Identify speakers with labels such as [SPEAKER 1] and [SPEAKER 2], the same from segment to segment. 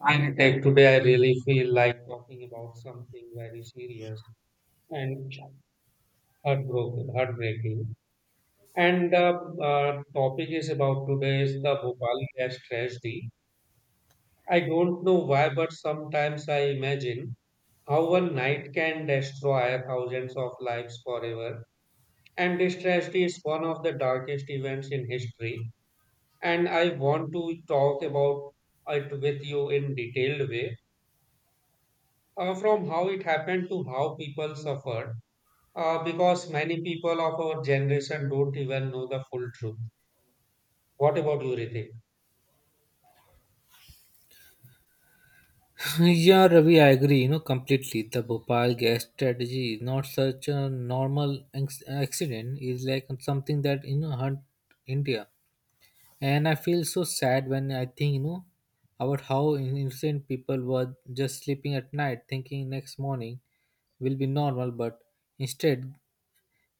[SPEAKER 1] Architect, today I really feel like talking about something very serious and heartbroken, heartbreaking. And the topic is about today is the Bhopal gas tragedy. I don't know why, but sometimes I imagine how one night can destroy thousands of lives forever. And this tragedy is one of the darkest events in history. And I want to talk about it with you in detailed way from how it happened to how people suffered because many people of our generation don't even know the full truth. What about you, Ritik?
[SPEAKER 2] Yeah, Ravi, I agree, you know, completely. The Bhopal gas strategy is not such a normal accident. It's like something that, you know, hurt India. And I feel so sad when I think, you know, about how innocent people were just sleeping at night thinking next morning will be normal, but instead,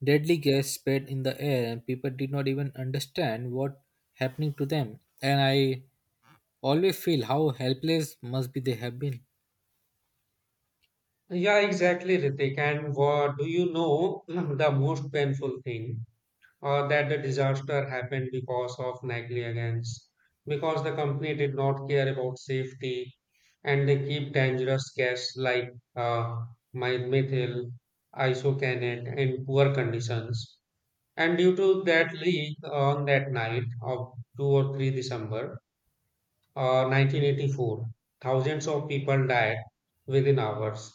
[SPEAKER 2] deadly gas spread in the air and people did not even understand what happening to them. And I always feel how helpless must be they have been.
[SPEAKER 1] Yeah, exactly, Ritik. And what do you know the most painful thing that the disaster happened because of negligence, because the company did not care about safety and they keep dangerous gas like uh, methyl, isocyanate in poor conditions. And due to that leak on that night of 2 or 3 December 1984, thousands of people died within hours.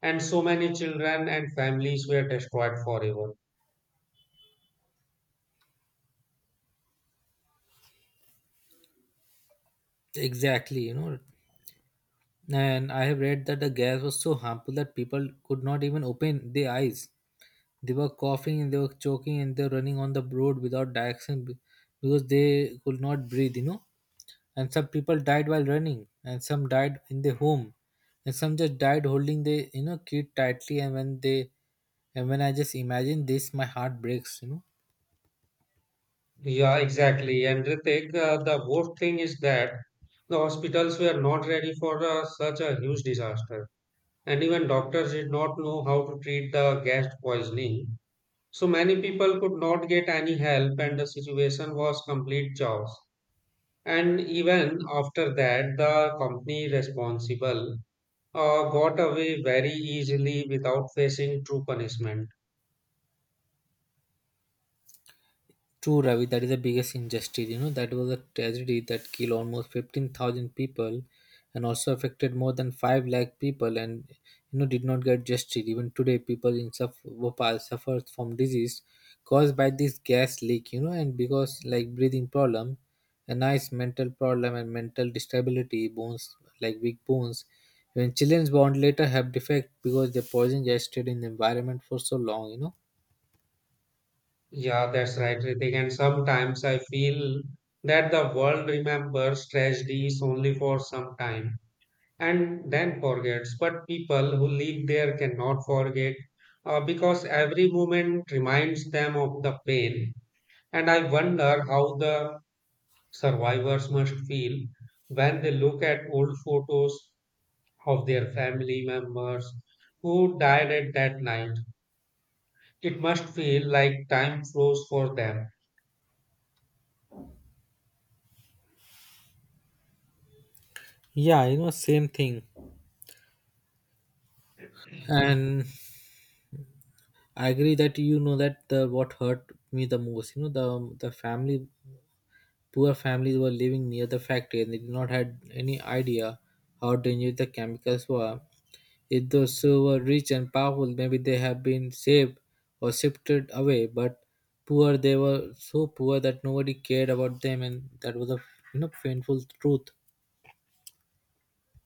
[SPEAKER 1] And so many children and families were destroyed forever.
[SPEAKER 2] Exactly, you know, and I have read that the gas was so harmful that people could not even open their eyes. They were coughing and they were choking and they were running on the road without direction because they could not breathe, you know. And some people died while running, and some died in their home, and some just died holding the you know kid tightly. And when I just imagine this, my heart breaks, you know.
[SPEAKER 1] Yeah, exactly. And Ritik, the worst thing is that the hospitals were not ready for such a huge disaster. And even doctors did not know how to treat the gas poisoning. So many people could not get any help, and the situation was complete chaos. And even after that, the company responsible got away very easily without facing true punishment.
[SPEAKER 2] True, Ravi, that is the biggest injustice. You know, that was a tragedy that killed almost 15,000 people and also affected more than 5 lakh people and, you know, did not get justice. Even today, people in Bhopal suffer from disease caused by this gas leak, you know, and because like breathing problem, a nice mental problem and mental disability, bones, like weak bones. When children's born later have defect because the poison just stayed in the environment for so long, you know.
[SPEAKER 1] Yeah, that's right, Ritik. And sometimes I feel that the world remembers tragedies only for some time and then forgets. But people who live there cannot forget because every moment reminds them of the pain. And I wonder how the survivors must feel when they look at old photos of their family members who died at that night. It must feel like time froze for them.
[SPEAKER 2] Yeah, you know, same thing, and I agree that you know that the what hurt me the most. You know the family, poor families were living near the factory and they did not had any idea how dangerous the chemicals were. If those who were rich and powerful, maybe they have been saved or shifted away. But poor, they were so poor that nobody cared about them, and that was a you know painful truth.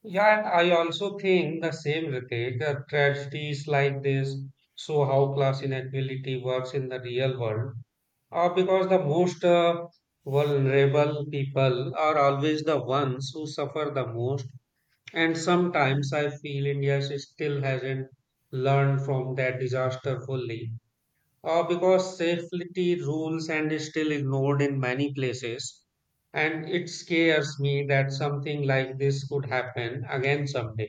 [SPEAKER 1] Yeah, and I also think the same, Ritik, that tragedies like this show how class inequality works in the real world. Because the most vulnerable people are always the ones who suffer the most. And sometimes I feel India still hasn't learned from that disaster fully. Because safety rules and is still ignored in many places. And it scares me that something like this could happen again someday.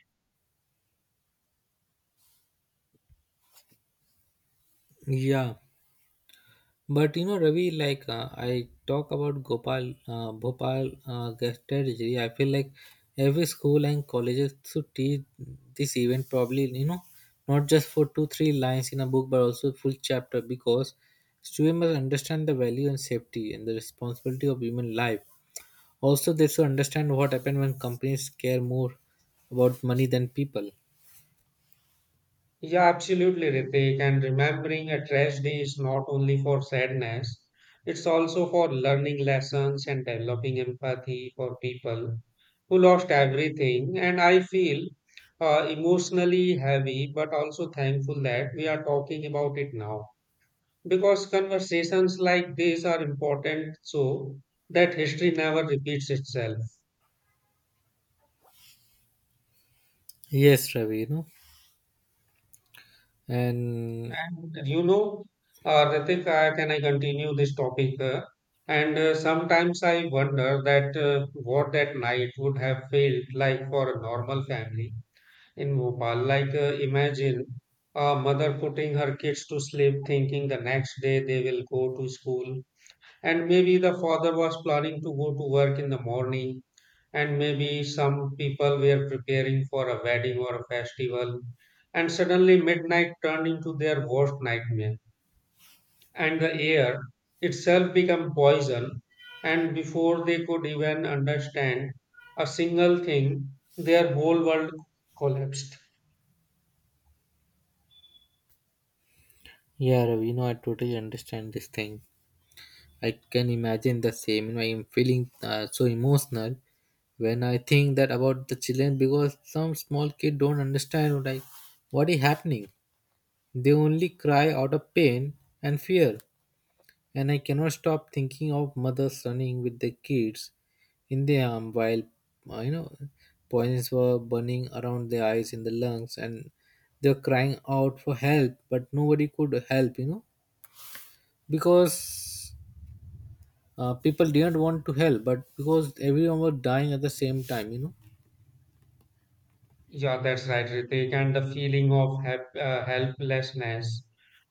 [SPEAKER 2] Yeah. But you know, Ravi, like I talk about Gopal, Bhopal guest strategy. I feel like every school and colleges should teach this event probably, you know, not just for two, three lines in a book, but also full chapter because students must understand the value and safety and the responsibility of human life. Also, they should understand what happened when companies care more about money than people.
[SPEAKER 1] Yeah, absolutely, Ritik. And remembering a trash day is not only for sadness, it's also for learning lessons and developing empathy for people who lost everything. And I feel emotionally heavy, but also thankful that we are talking about it now. Because conversations like these are important so that history never repeats itself.
[SPEAKER 2] Yes, Ravi, you know, and
[SPEAKER 1] And you know, Ritik, Can I continue this topic? And Sometimes I wonder that what that night would have felt like for a normal family in Bhopal. Like, imagine a mother putting her kids to sleep, thinking the next day they will go to school. And maybe the father was planning to go to work in the morning, and maybe some people were preparing for a wedding or a festival, and suddenly midnight turned into their worst nightmare, and the air itself became poison. And before they could even understand a single thing, their whole world collapsed.
[SPEAKER 2] yeah, Ravi, you know, I totally understand this thing. I can imagine the same. You know, I'm feeling so emotional when I think that about the children because some small kid don't understand like what is happening. They only cry out of pain and fear. And I cannot stop thinking of mothers running with their kids in their arm while you know poisons were burning around their eyes in the lungs and they were crying out for help but nobody could help you know because people didn't want to help but because everyone was dying at the same time, you know.
[SPEAKER 1] Yeah, that's right, Ritik. And the feeling of helplessness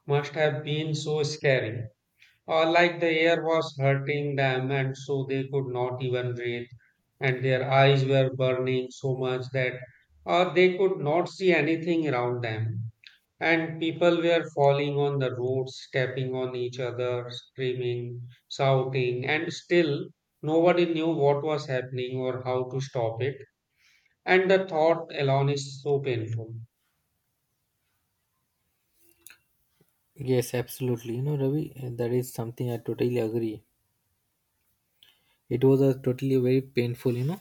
[SPEAKER 1] must have been so scary. Or like the air was hurting them and so they could not even breathe. And their eyes were burning so much that they could not see anything around them. And people were falling on the roads, stepping on each other, screaming, shouting, and still nobody knew what was happening or how to stop it. And the thought alone is so painful.
[SPEAKER 2] Yes, absolutely. You know, Ravi, that is something I totally agree. It was a totally very painful, you know,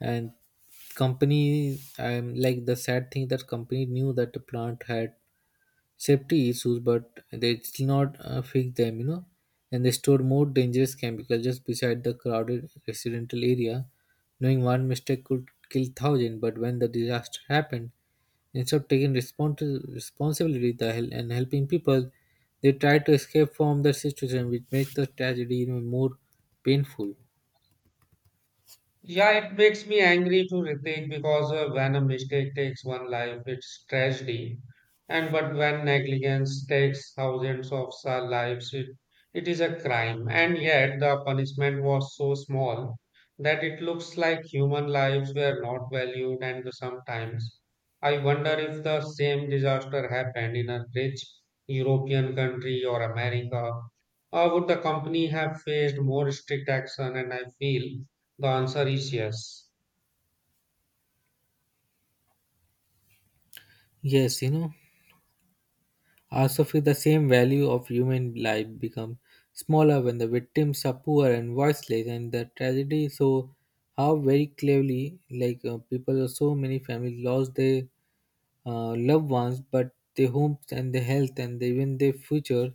[SPEAKER 2] and company. I'm like the sad thing that company knew that the plant had safety issues, but they still not fix them, you know, and they store more dangerous chemicals just beside the crowded residential area, knowing one mistake could kill thousand. But when the disaster happened, instead of taking responsibility and helping people, they try to escape from the situation, which makes the tragedy even more painful.
[SPEAKER 1] Yeah, it makes me angry to Ritik because when a mistake takes one life, it's tragedy. And but when negligence takes thousands of sa- lives, it is a crime. And yet the punishment was so small that it looks like human lives were not valued. And sometimes I wonder if the same disaster happened in a rich European country or America, would the company have faced more strict action? And I feel the answer is yes.
[SPEAKER 2] Yes, you know. Also, for the same value of human life become smaller when the victims are poor and voiceless, and the tragedy. So, how very cleverly, like people, or so many families lost their loved ones, but their homes and their health and even their future.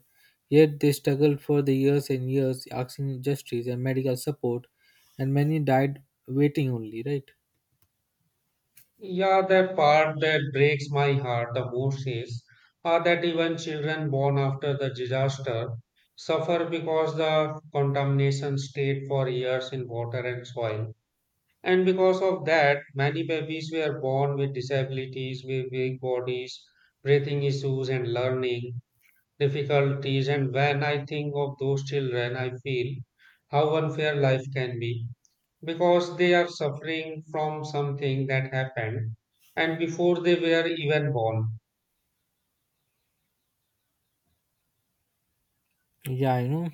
[SPEAKER 2] Yet they struggled for the years and years, asking justice and medical support, and many died waiting only. Right?
[SPEAKER 1] Yeah, the part that breaks my heart the most is that even children born after the disaster suffer because the contamination stayed for years in water and soil. And because of that, many babies were born with disabilities, with weak bodies, breathing issues, and learning difficulties. And when I think of those children, I feel how unfair life can be because they are suffering from something that happened and before they were even born.
[SPEAKER 2] Yeah, you know.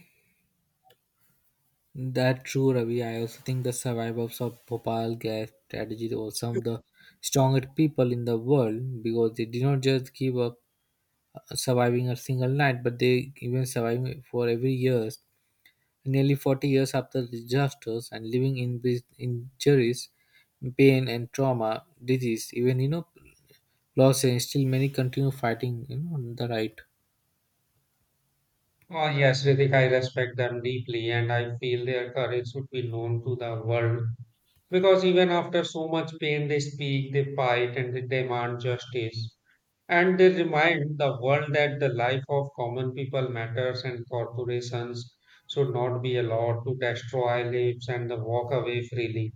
[SPEAKER 2] That true, Ravi. I also think the survivors of Bhopal gas strategy were some of the strongest people in the world because they did not just give up surviving a single night, but they even surviving for every years, nearly 40 years after the disasters and living in with injuries, pain and trauma, disease, even you know loss, and still many continue fighting. You know on the right.
[SPEAKER 1] Oh, yes, Ritik, I respect them deeply and I feel their courage should be known to the world because even after so much pain, they speak, they fight, and they demand justice. And they remind the world that the life of common people matters and corporations should not be allowed to destroy lives and walk away freely.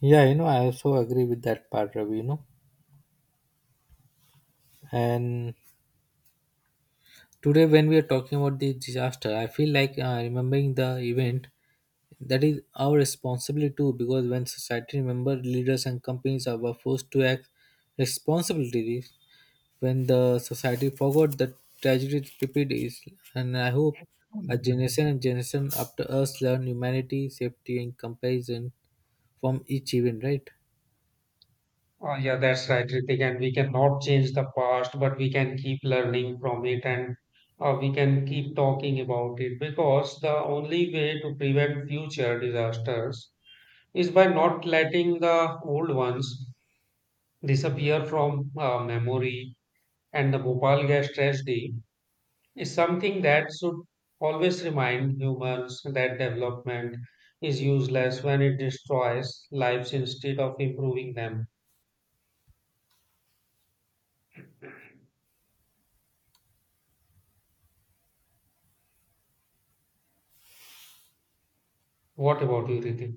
[SPEAKER 2] Yeah, you know I also agree with that part, Ravi. You know, and today, when we are talking about the disaster, I feel like remembering the event that is our responsibility too. Because when society remember, leaders and companies are were forced to act responsibly. When the society forgot, the tragedy repeat is. And I hope a generation and generation after us learn humanity, safety, and comparison from each event. Right?
[SPEAKER 1] Oh, yeah, that's right, Ritik. And we cannot change the past, but we can keep learning from it and we can keep talking about it because the only way to prevent future disasters is by not letting the old ones disappear from memory. And the Bhopal gas tragedy is something that should always remind humans that development is useless when it destroys lives instead of improving them. What about you, Ritik?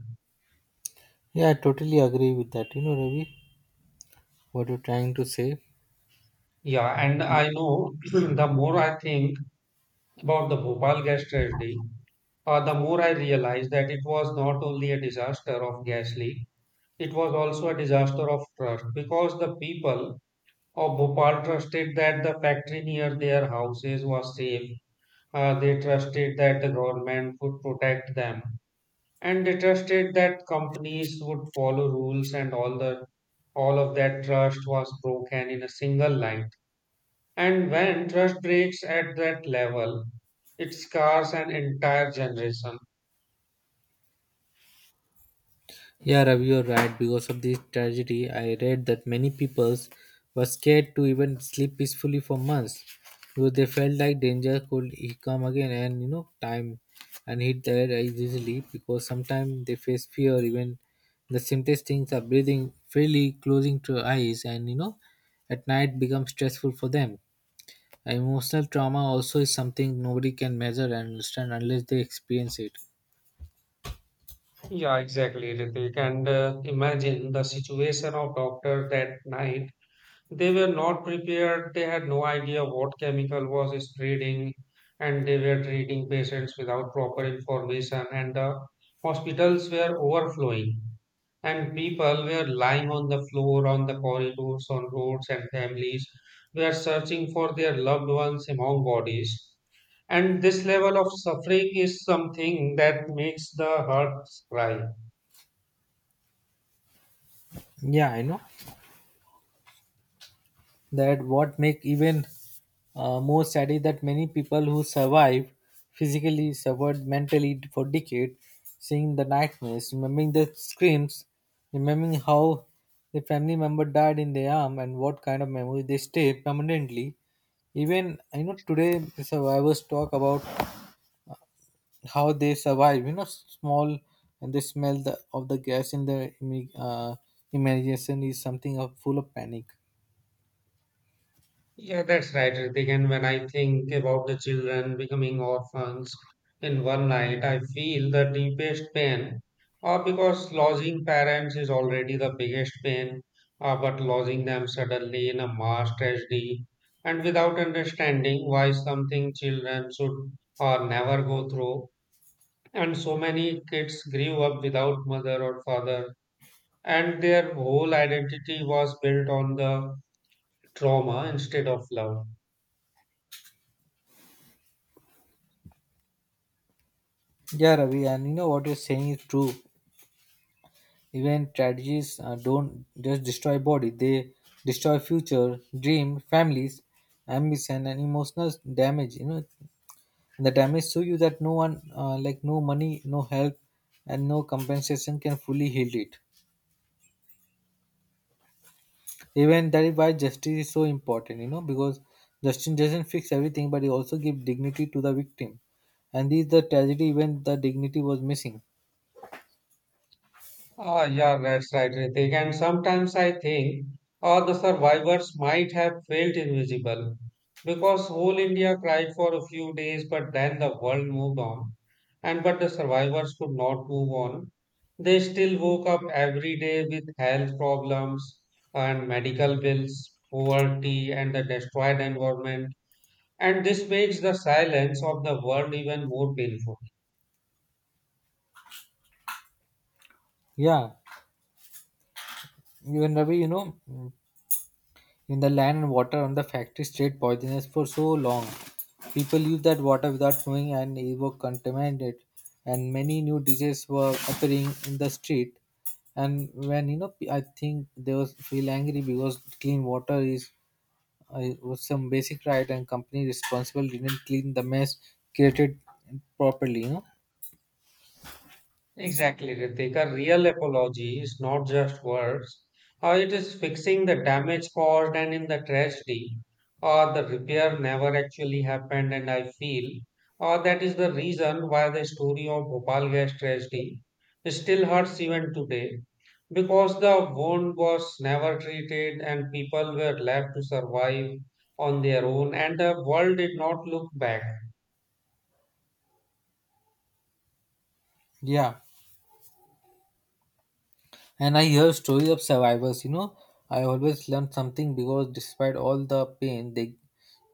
[SPEAKER 2] Yeah, I totally agree with that. You know, Ravi, what you're trying to say.
[SPEAKER 1] Yeah, and I know the more I think about the Bhopal gas tragedy, the more I realize that it was not only a disaster of gas leak, it was also a disaster of trust because the people of Bhopal trusted that the factory near their houses was safe. They trusted that the government would protect them, and they trusted that companies would follow rules, and all of that trust was broken in a single line. And when trust breaks at that level, it scars an entire generation.
[SPEAKER 2] Yeah, Ravi, you're right. Because of this tragedy, I read that many people were scared to even sleep peacefully for months because they felt like danger could come again and you know time and hit their eyes easily because sometimes they face fear even the simplest things are breathing freely, closing to eyes, and you know at night becomes stressful for them. Emotional trauma also is something nobody can measure and understand unless they experience it.
[SPEAKER 1] Yeah, exactly, Ritik. And imagine the situation of doctor that night. They were not prepared. They had no idea what chemical was spreading, and they were treating patients without proper information. And the hospitals were overflowing. And people were lying on the floor, on the corridors, on roads, and families were searching for their loved ones among bodies. And this level of suffering is something that makes the heart cry.
[SPEAKER 2] Yeah, I know. That what make even more sad is that many people who survived physically suffered mentally for decades, seeing the nightmares, remembering the screams, remembering how the family member died in their arm and what kind of memories they stay permanently. Even you know today the survivors talk about how they survive. You know small and they smell the, of the gas in the imagination is something of full of panic.
[SPEAKER 1] Yeah, that's right, Ritik. And when I think about the children becoming orphans in one night, I feel the deepest pain. Because losing parents is already the biggest pain, but losing them suddenly in a mass tragedy and without understanding why something children should or never go through. And so many kids grew up without mother or father, and their whole identity was built on the trauma instead of love.
[SPEAKER 2] Yeah, Ravi, and you know what you're saying is true. Even tragedies don't just destroy body; they destroy future, dream, families, ambition, and emotional damage. You know, the damage to you that no one, like no money, no help, and no compensation can fully heal it. Even that is why justice is so important. You know, because justice doesn't fix everything, but it also gives dignity to the victim. And this is the tragedy when the dignity was missing.
[SPEAKER 1] Ah, yeah, that's right, Ritik. And sometimes I think the survivors might have felt invisible because whole India cried for a few days, but then the world moved on. And but the survivors could not move on. They still woke up every day with health problems and medical bills, poverty, and the destroyed environment. And this makes the silence of the world even more painful.
[SPEAKER 2] Yeah, even Ravi, you know, in the land and water on the factory stayed poisonous for so long. People used that water without knowing and it was contaminated and many new diseases were appearing in the street and when you know I think they was feel angry because clean water is was some basic right and company responsible didn't clean the mess created properly, you know.
[SPEAKER 1] Exactly, Ritik. A real apology is not just words. It is fixing the damage caused and in the tragedy, or the repair never actually happened. And I feel that is the reason why the story of Bhopal gas tragedy still hurts even today, because the wound was never treated and people were left to survive on their own, and the world did not look back.
[SPEAKER 2] Yeah, and I hear stories of survivors, you know. I always learn something because despite all the pain, they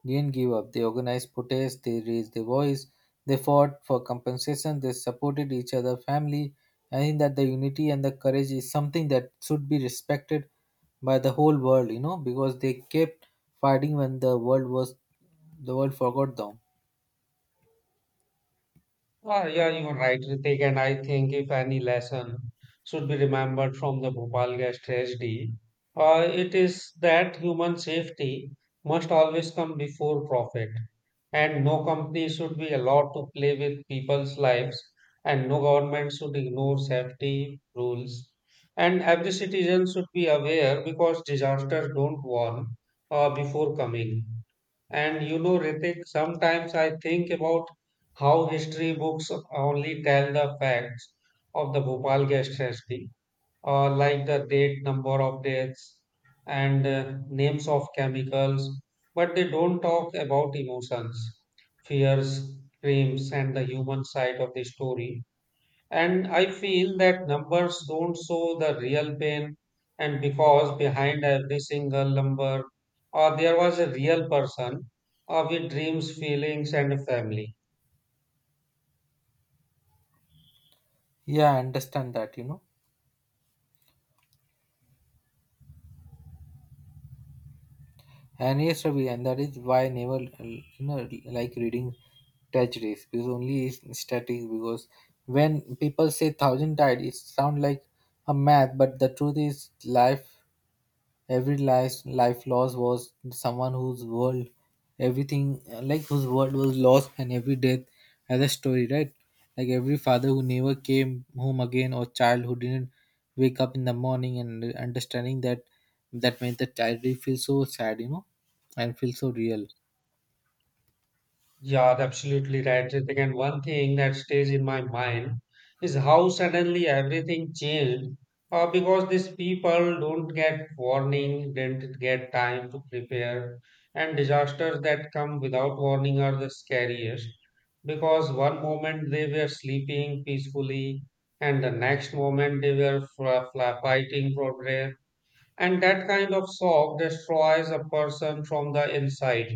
[SPEAKER 2] didn't give up. They organized protests, they raised their voice, they fought for compensation, they supported each other, family. I think that the unity and the courage is something that should be respected by the whole world, you know, because they kept fighting when the world forgot them.
[SPEAKER 1] Ah, yeah, you are right, Ritik. And I think if any lesson should be remembered from the Bhopal gas tragedy, it is that human safety must always come before profit. And no company should be allowed to play with people's lives, and no government should ignore safety rules. And every citizen should be aware because disasters don't warn before coming. And you know, Ritik, sometimes I think about how history books only tell the facts of the Bhopal gas tragedy, like the date, number of deaths, and names of chemicals, but they don't talk about emotions, fears, dreams, and the human side of the story. And I feel that numbers don't show the real pain, and because behind every single number, there was a real person with dreams, feelings, and a family.
[SPEAKER 2] Yeah, I understand that, you know. And yes, Ravi, and that is why I never you know like reading tragedies because only is static because when people say thousand died, it sound like a math, but the truth is life every life loss was someone whose world everything like whose world was lost and every death has a story, right? Like every father who never came home again or child who didn't wake up in the morning and understanding that that made the child really feel so sad, you know, and feel so real.
[SPEAKER 1] Yeah, absolutely right. I and one thing that stays in my mind is how suddenly everything changed because these people don't get warning, didn't get time to prepare, and disasters that come without warning are the scariest because one moment they were sleeping peacefully, and the next moment they were fighting for breath, and that kind of shock destroys a person from the inside.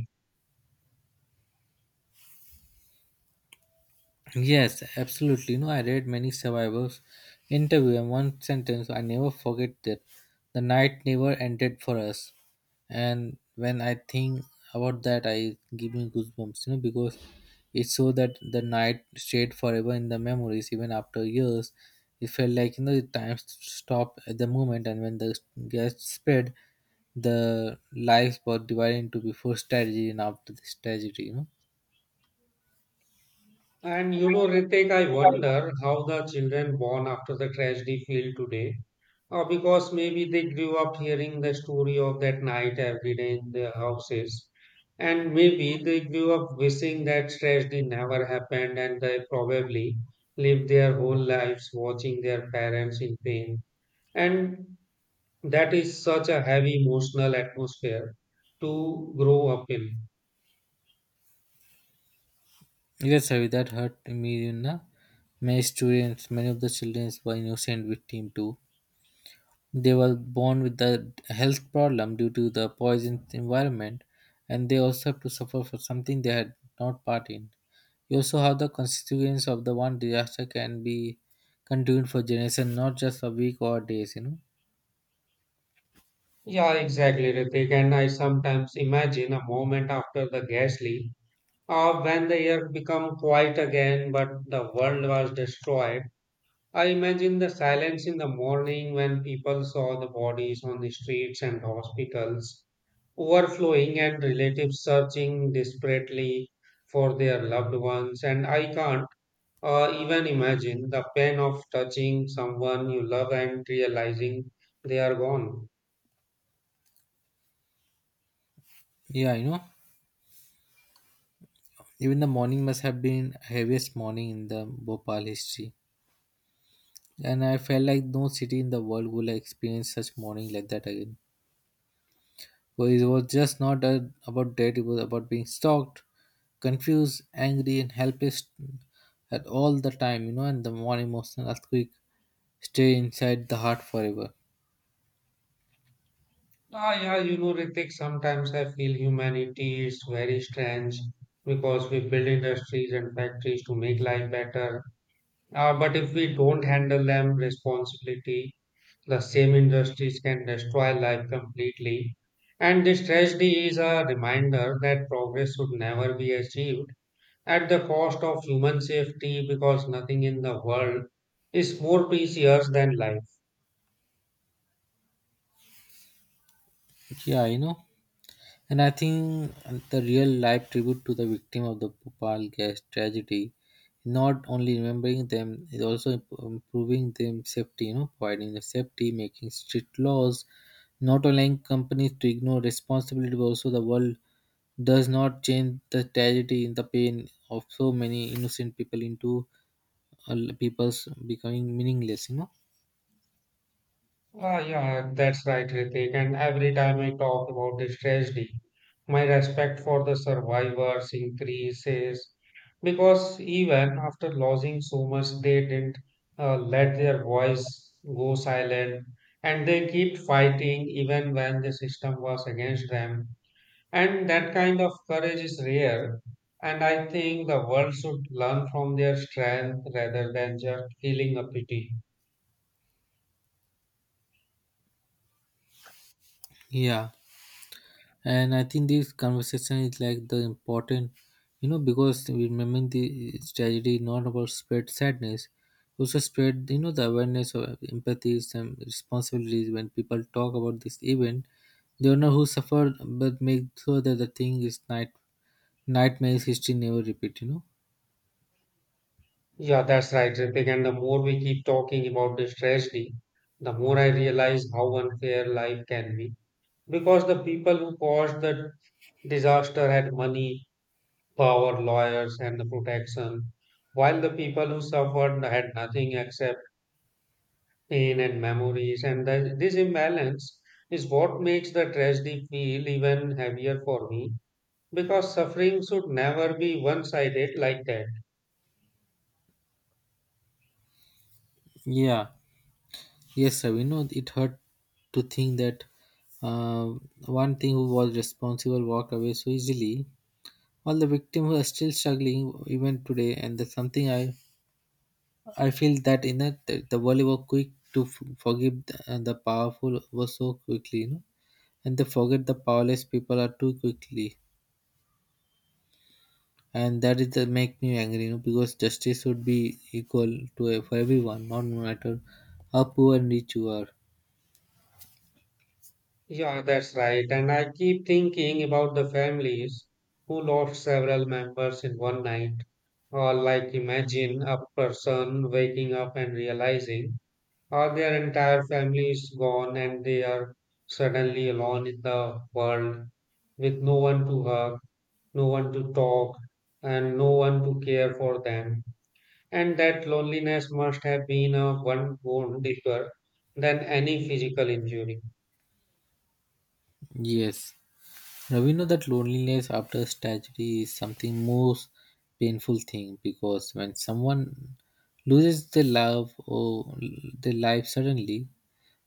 [SPEAKER 2] Yes, absolutely. You know, I read many survivors' interview, and one sentence I never forget that the night never ended for us. And when I think about that, I give me goosebumps. You know, because it's so that the night stayed forever in the memories, even after years. It felt like you know the time stopped at the moment, and when the gas spread, the lives were divided into before tragedy and after this tragedy. You know.
[SPEAKER 1] And you know, Ritik, I wonder how the children born after the tragedy feel today. Because maybe they grew up hearing the story of that night every day in their houses. And maybe they grew up wishing that tragedy never happened and they probably lived their whole lives watching their parents in pain. And that is such a heavy emotional atmosphere to grow up in.
[SPEAKER 2] Yes, Harry, that hurt me, you know. My students, many of the children were innocent victim too. They were born with the health problem due to the poisoned environment, and they also have to suffer for something they had not part in. You also have the consequence of the one disaster can be continued for generation, not just a week or days. You know.
[SPEAKER 1] Yeah, exactly, Ritik. And I sometimes imagine a moment after the gas leak, when the air become quiet again, but the world was destroyed. I imagine the silence in the morning when people saw the bodies on the streets and hospitals overflowing and relatives searching desperately for their loved ones. And I can't even imagine the pain of touching someone you love and realizing they are gone.
[SPEAKER 2] Yeah, you know. Even the morning must have been heaviest morning in the Bhopal history, and I felt like no city in the world will experience such morning like that again. Well, it was just not about debt, it was about being stalked, confused, angry, and helpless at all the time, you know, and the one emotional earthquake stay inside the heart forever.
[SPEAKER 1] Ah, yeah, you know, Ritik, sometimes I feel humanity is very strange because we build industries and factories to make life better. But if we don't handle them responsibility, the same industries can destroy life completely. And this tragedy is a reminder that progress should never be achieved at the cost of human safety because nothing in the world is more precious than life.
[SPEAKER 2] Yeah, and I think the real life tribute to the victim of the Bhopal gas tragedy, not only remembering them, is also improving them safety, providing the safety, making strict laws, not allowing companies to ignore responsibility, but also the world does not change the tragedy in the pain of so many innocent people into people's becoming meaningless.
[SPEAKER 1] Ah, yeah, that's right, Ritik. And every time I talk about this tragedy, my respect for the survivors increases because even after losing so much, they didn't let their voice go silent and they kept fighting even when the system was against them. And that kind of courage is rare. And I think the world should learn from their strength rather than just feeling a pity.
[SPEAKER 2] Yeah. And I think this conversation is like the important because remembering the tragedy is not about spread sadness also spread the awareness of empathies and responsibilities. When people talk about this event they don't know who suffered but make sure that the thing is nightmares history never repeat.
[SPEAKER 1] Yeah, that's right, Ritik. And the more we keep talking about this tragedy, the more I realize how unfair life can be. Because the people who caused the disaster had money, power, lawyers, and the protection, while the people who suffered had nothing except pain and memories. And this imbalance is what makes the tragedy feel even heavier for me, because suffering should never be one-sided like that.
[SPEAKER 2] Yeah. Yes sir, we know it hurt to think that uh, one thing who was responsible walked away so easily. All the victims are still struggling even today, and that's something I feel that in a, the world were quick to forgive the, and the powerful were so quickly, and they forget the powerless people are too quickly, and that is the make me angry, because justice should be equal to e, for everyone, not no matter how poor and rich you are.
[SPEAKER 1] Yeah, that's right. And I keep thinking about the families who lost several members in one night. Or, like, imagine a person waking up and realizing, or their entire family is gone and they are suddenly alone in the world with no one to hug, no one to talk, and no one to care for them. And that loneliness must have been a one wound deeper than any physical injury.
[SPEAKER 2] Yes. Now we know that loneliness after tragedy is something most painful thing because when someone loses their love or their life suddenly,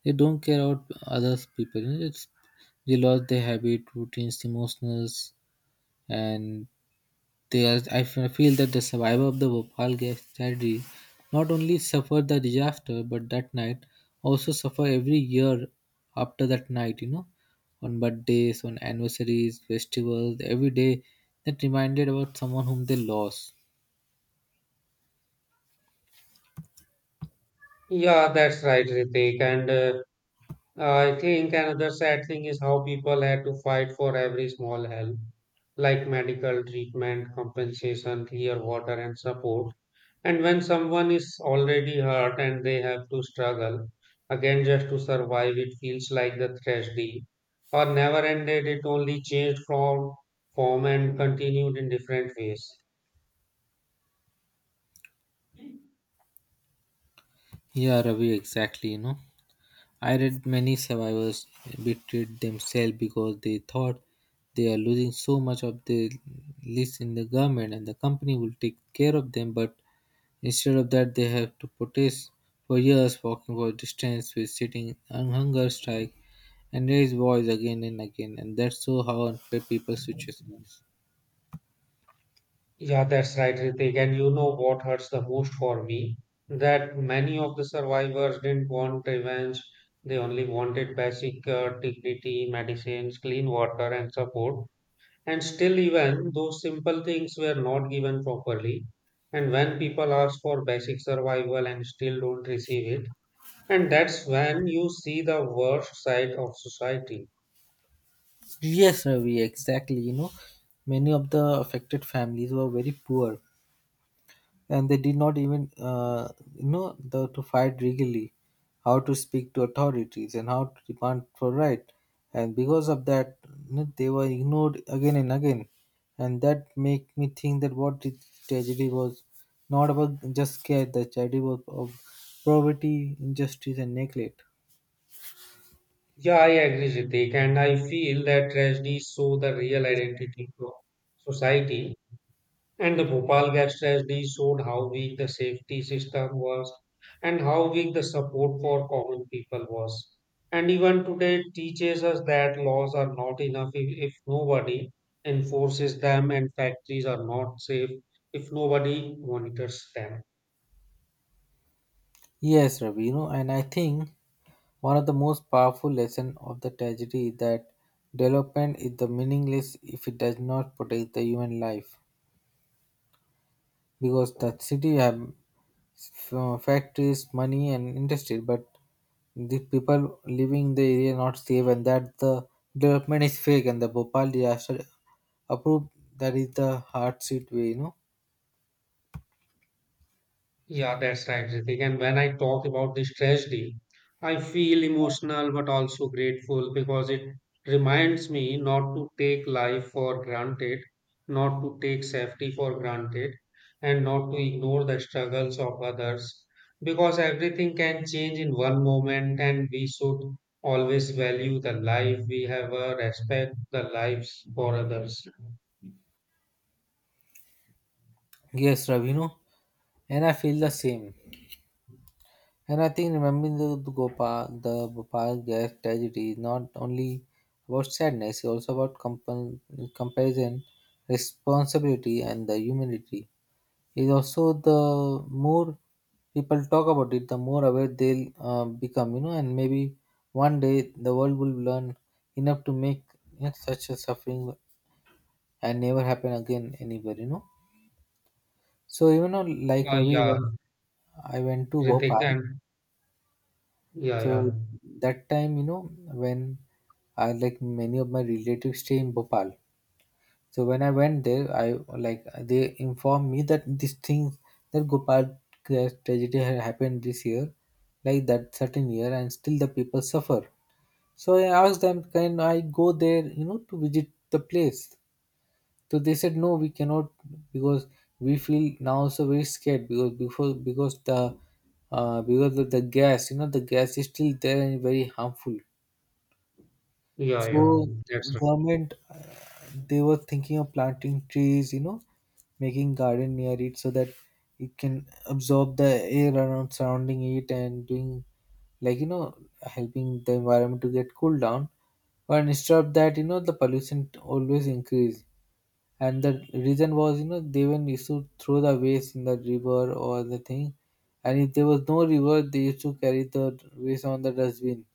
[SPEAKER 2] they don't care about others people. You know, it's, they lost their habit, routines, emotions, and they are, I feel that the survivor of the Bhopal gas tragedy not only suffered the disaster, but that night also suffer every year after that night. You know, on birthdays, on anniversaries, festivals, every day that reminded about someone whom they lost.
[SPEAKER 1] Yeah, that's right, Ritik. And I think another sad thing is how people had to fight for every small help, like medical treatment, compensation, clear water, and support. And when someone is already hurt and they have to struggle again just to survive, it feels like the tragedy or never ended. It only changed from form and continued in different ways.
[SPEAKER 2] Yeah, Ravi, exactly. You know, I read many survivors betrayed themselves because they thought they are losing so much of their list in the government and the company will take care of them, but instead of that, they have to protest for years, walking for distance with sitting on hunger strike and raise voice again and again. And that's so how unfair people's situation is.
[SPEAKER 1] Yeah, that's right, Ritik. And you know what hurts the most for me? That many of the survivors didn't want revenge. They only wanted basic dignity, medicines, clean water, and support. And still, even those simple things were not given properly. And when people ask for basic survival and still don't receive it, and that's when you see the worst side of society.
[SPEAKER 2] Yes, Ravi, exactly. You know, many of the affected families were very poor and they did not even know the, to fight legally, how to speak to authorities, and how to demand for right. And because of that, you know, they were ignored again and again, and that make me think that what the tragedy was not about just scare, the tragedy was of poverty, injustice, and neglect.
[SPEAKER 1] Yeah, I agree, Ritik. And I feel that tragedies show the real identity of society. And the Bhopal gas tragedy showed how weak the safety system was and how weak the support for common people was. And even today it teaches us that laws are not enough if nobody enforces them and factories are not safe if nobody monitors them.
[SPEAKER 2] Yes, Ravi, you know, and I think one of the most powerful lesson of the tragedy is that development is the meaningless if it does not protect the human life. Because that city have factories, money, and industry, but the people living the area not safe, and that the development is fake, and the Bhopal disaster approved that is the hard seat way, you know.
[SPEAKER 1] Yeah, that's right, Ritik. And when I talk about this tragedy, I feel emotional but also grateful because it reminds me not to take life for granted, not to take safety for granted, and not to ignore the struggles of others. Because everything can change in one moment, and we should always value the life we have, respect the lives for others.
[SPEAKER 2] Yes, Ravi, you know, and I feel the same. And I think remembering the Gopal, the Bhopal gas tragedy is not only about sadness, it's also about comparison, responsibility, and the humanity. Is also the more people talk about it, the more aware they'll become, you know, and maybe one day the world will learn enough to make, you know, such a suffering and never happen again anywhere, you know. So, you know, like
[SPEAKER 1] Uh,
[SPEAKER 2] Ravi,
[SPEAKER 1] yeah,
[SPEAKER 2] when I went to
[SPEAKER 1] Ritik,
[SPEAKER 2] Bhopal,
[SPEAKER 1] and yeah, yeah,
[SPEAKER 2] so that time, you know, when I like many of my relatives stay in Bhopal. So when I went there, I like they informed me that this thing that Gopal Crash tragedy had happened this year, like that certain year, and still the people suffer. So I asked them, can I go there, you know, to visit the place? So they said no, we cannot because we feel now also very scared because before because the because of the gas, you know, the gas is still there and very harmful.
[SPEAKER 1] yeah,
[SPEAKER 2] So
[SPEAKER 1] yeah, that's right.
[SPEAKER 2] government, they were thinking of planting trees, you know, making garden near it so that it can absorb the air around surrounding it and doing like, you know, helping the environment to get cooled down. But instead of that, you know, the pollution always increase. And the reason was, you know, they even used to throw the waste in the river or the thing. And if there was no river, they used to carry the waste on the dustbin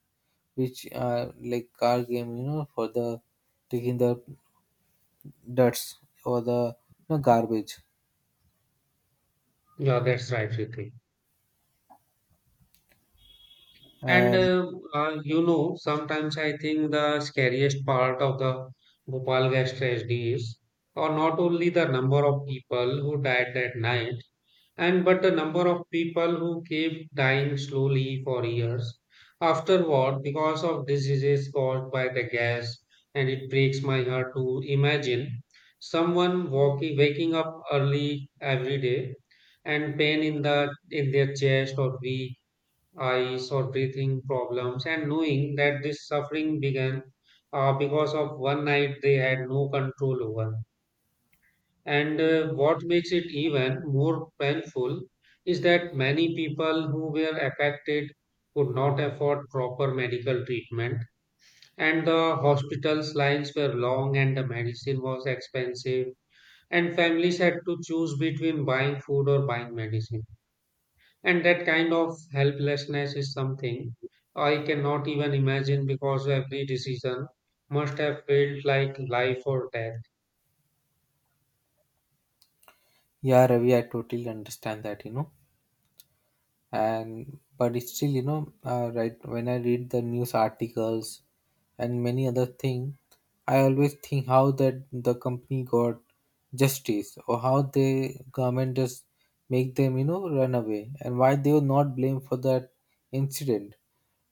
[SPEAKER 2] which are like car game, you know, for the taking the dirts or the, you know, garbage.
[SPEAKER 1] Yeah, that's right, Ritik. And
[SPEAKER 2] And
[SPEAKER 1] uh, uh, you know, sometimes I think the scariest part of the Bhopal gas tragedy is, or not only the number of people who died that night, and but the number of people who kept dying slowly for years afterward because of diseases caused by the gas. And it breaks my heart to imagine someone waking up early every day and pain in their chest or weak eyes or breathing problems and knowing that this suffering began because of one night they had no control over. And what makes it even more painful is that many people who were affected could not afford proper medical treatment, and the hospital's lines were long and the medicine was expensive, and families had to choose between buying food or buying medicine. And that kind of helplessness is something I cannot even imagine because every decision must have felt like life or death.
[SPEAKER 2] yeah, Ravi, I totally understand that, you know. And but it's still, you know, right when I read the news articles and many other thing I always think how that the company got justice or how the government just make them, you know, run away and why they were not blamed for that incident.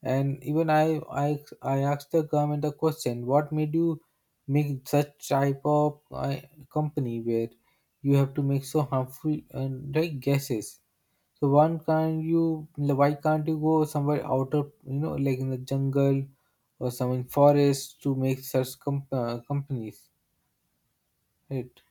[SPEAKER 2] And even I asked the government a question, what made you make such type of company where you have to make so harmful and right guesses. So one can't you like, why can't you go somewhere outer, you know, like in the jungle or some in forest to make such companies, right?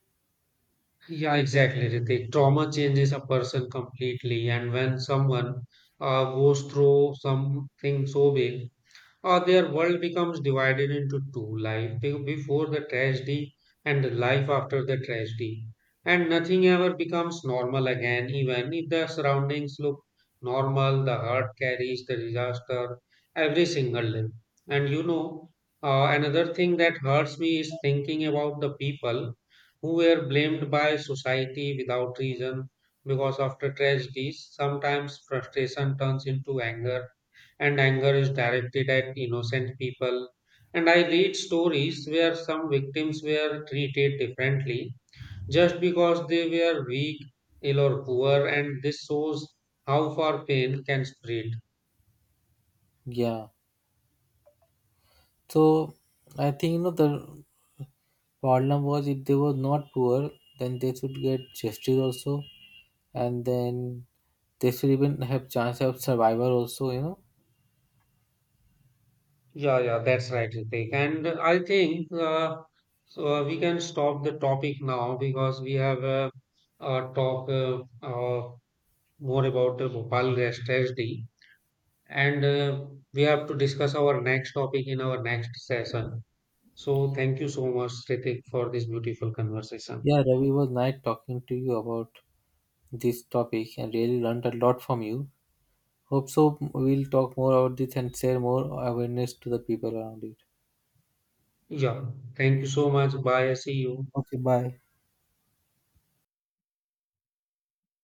[SPEAKER 1] Yeah, exactly, Ritik. Trauma changes a person completely, and when someone goes through something so big, or their world becomes divided into two life before the tragedy and the life after the tragedy and nothing ever becomes normal again, even if the surroundings look normal, the heart carries the disaster every single day. And you know, another thing that hurts me is thinking about the people who were blamed by society without reason, because after tragedies sometimes frustration turns into anger and anger is directed at innocent people. And I read stories where some victims were treated differently just because they were weak, ill, or poor, and this shows how far pain can spread.
[SPEAKER 2] Yeah, so I think, you know, the problem was if they were not poor then they should get justice also, and then they should even have chance of survival also, you know.
[SPEAKER 1] Yeah, yeah, that's right, Ritik. And I think so We can stop the topic now because we have a, talk more about Bhopal Rest SD, and we have to discuss our next topic in our next session. So thank you so much, Ritik, for this beautiful conversation.
[SPEAKER 2] Yeah, Ravi, it was nice talking to you about this topic and really learned a lot from you. Hope so. We'll talk more about this and share more awareness to the people around it.
[SPEAKER 1] Yeah, thank you so much. Bye. I see you.
[SPEAKER 2] Okay, bye.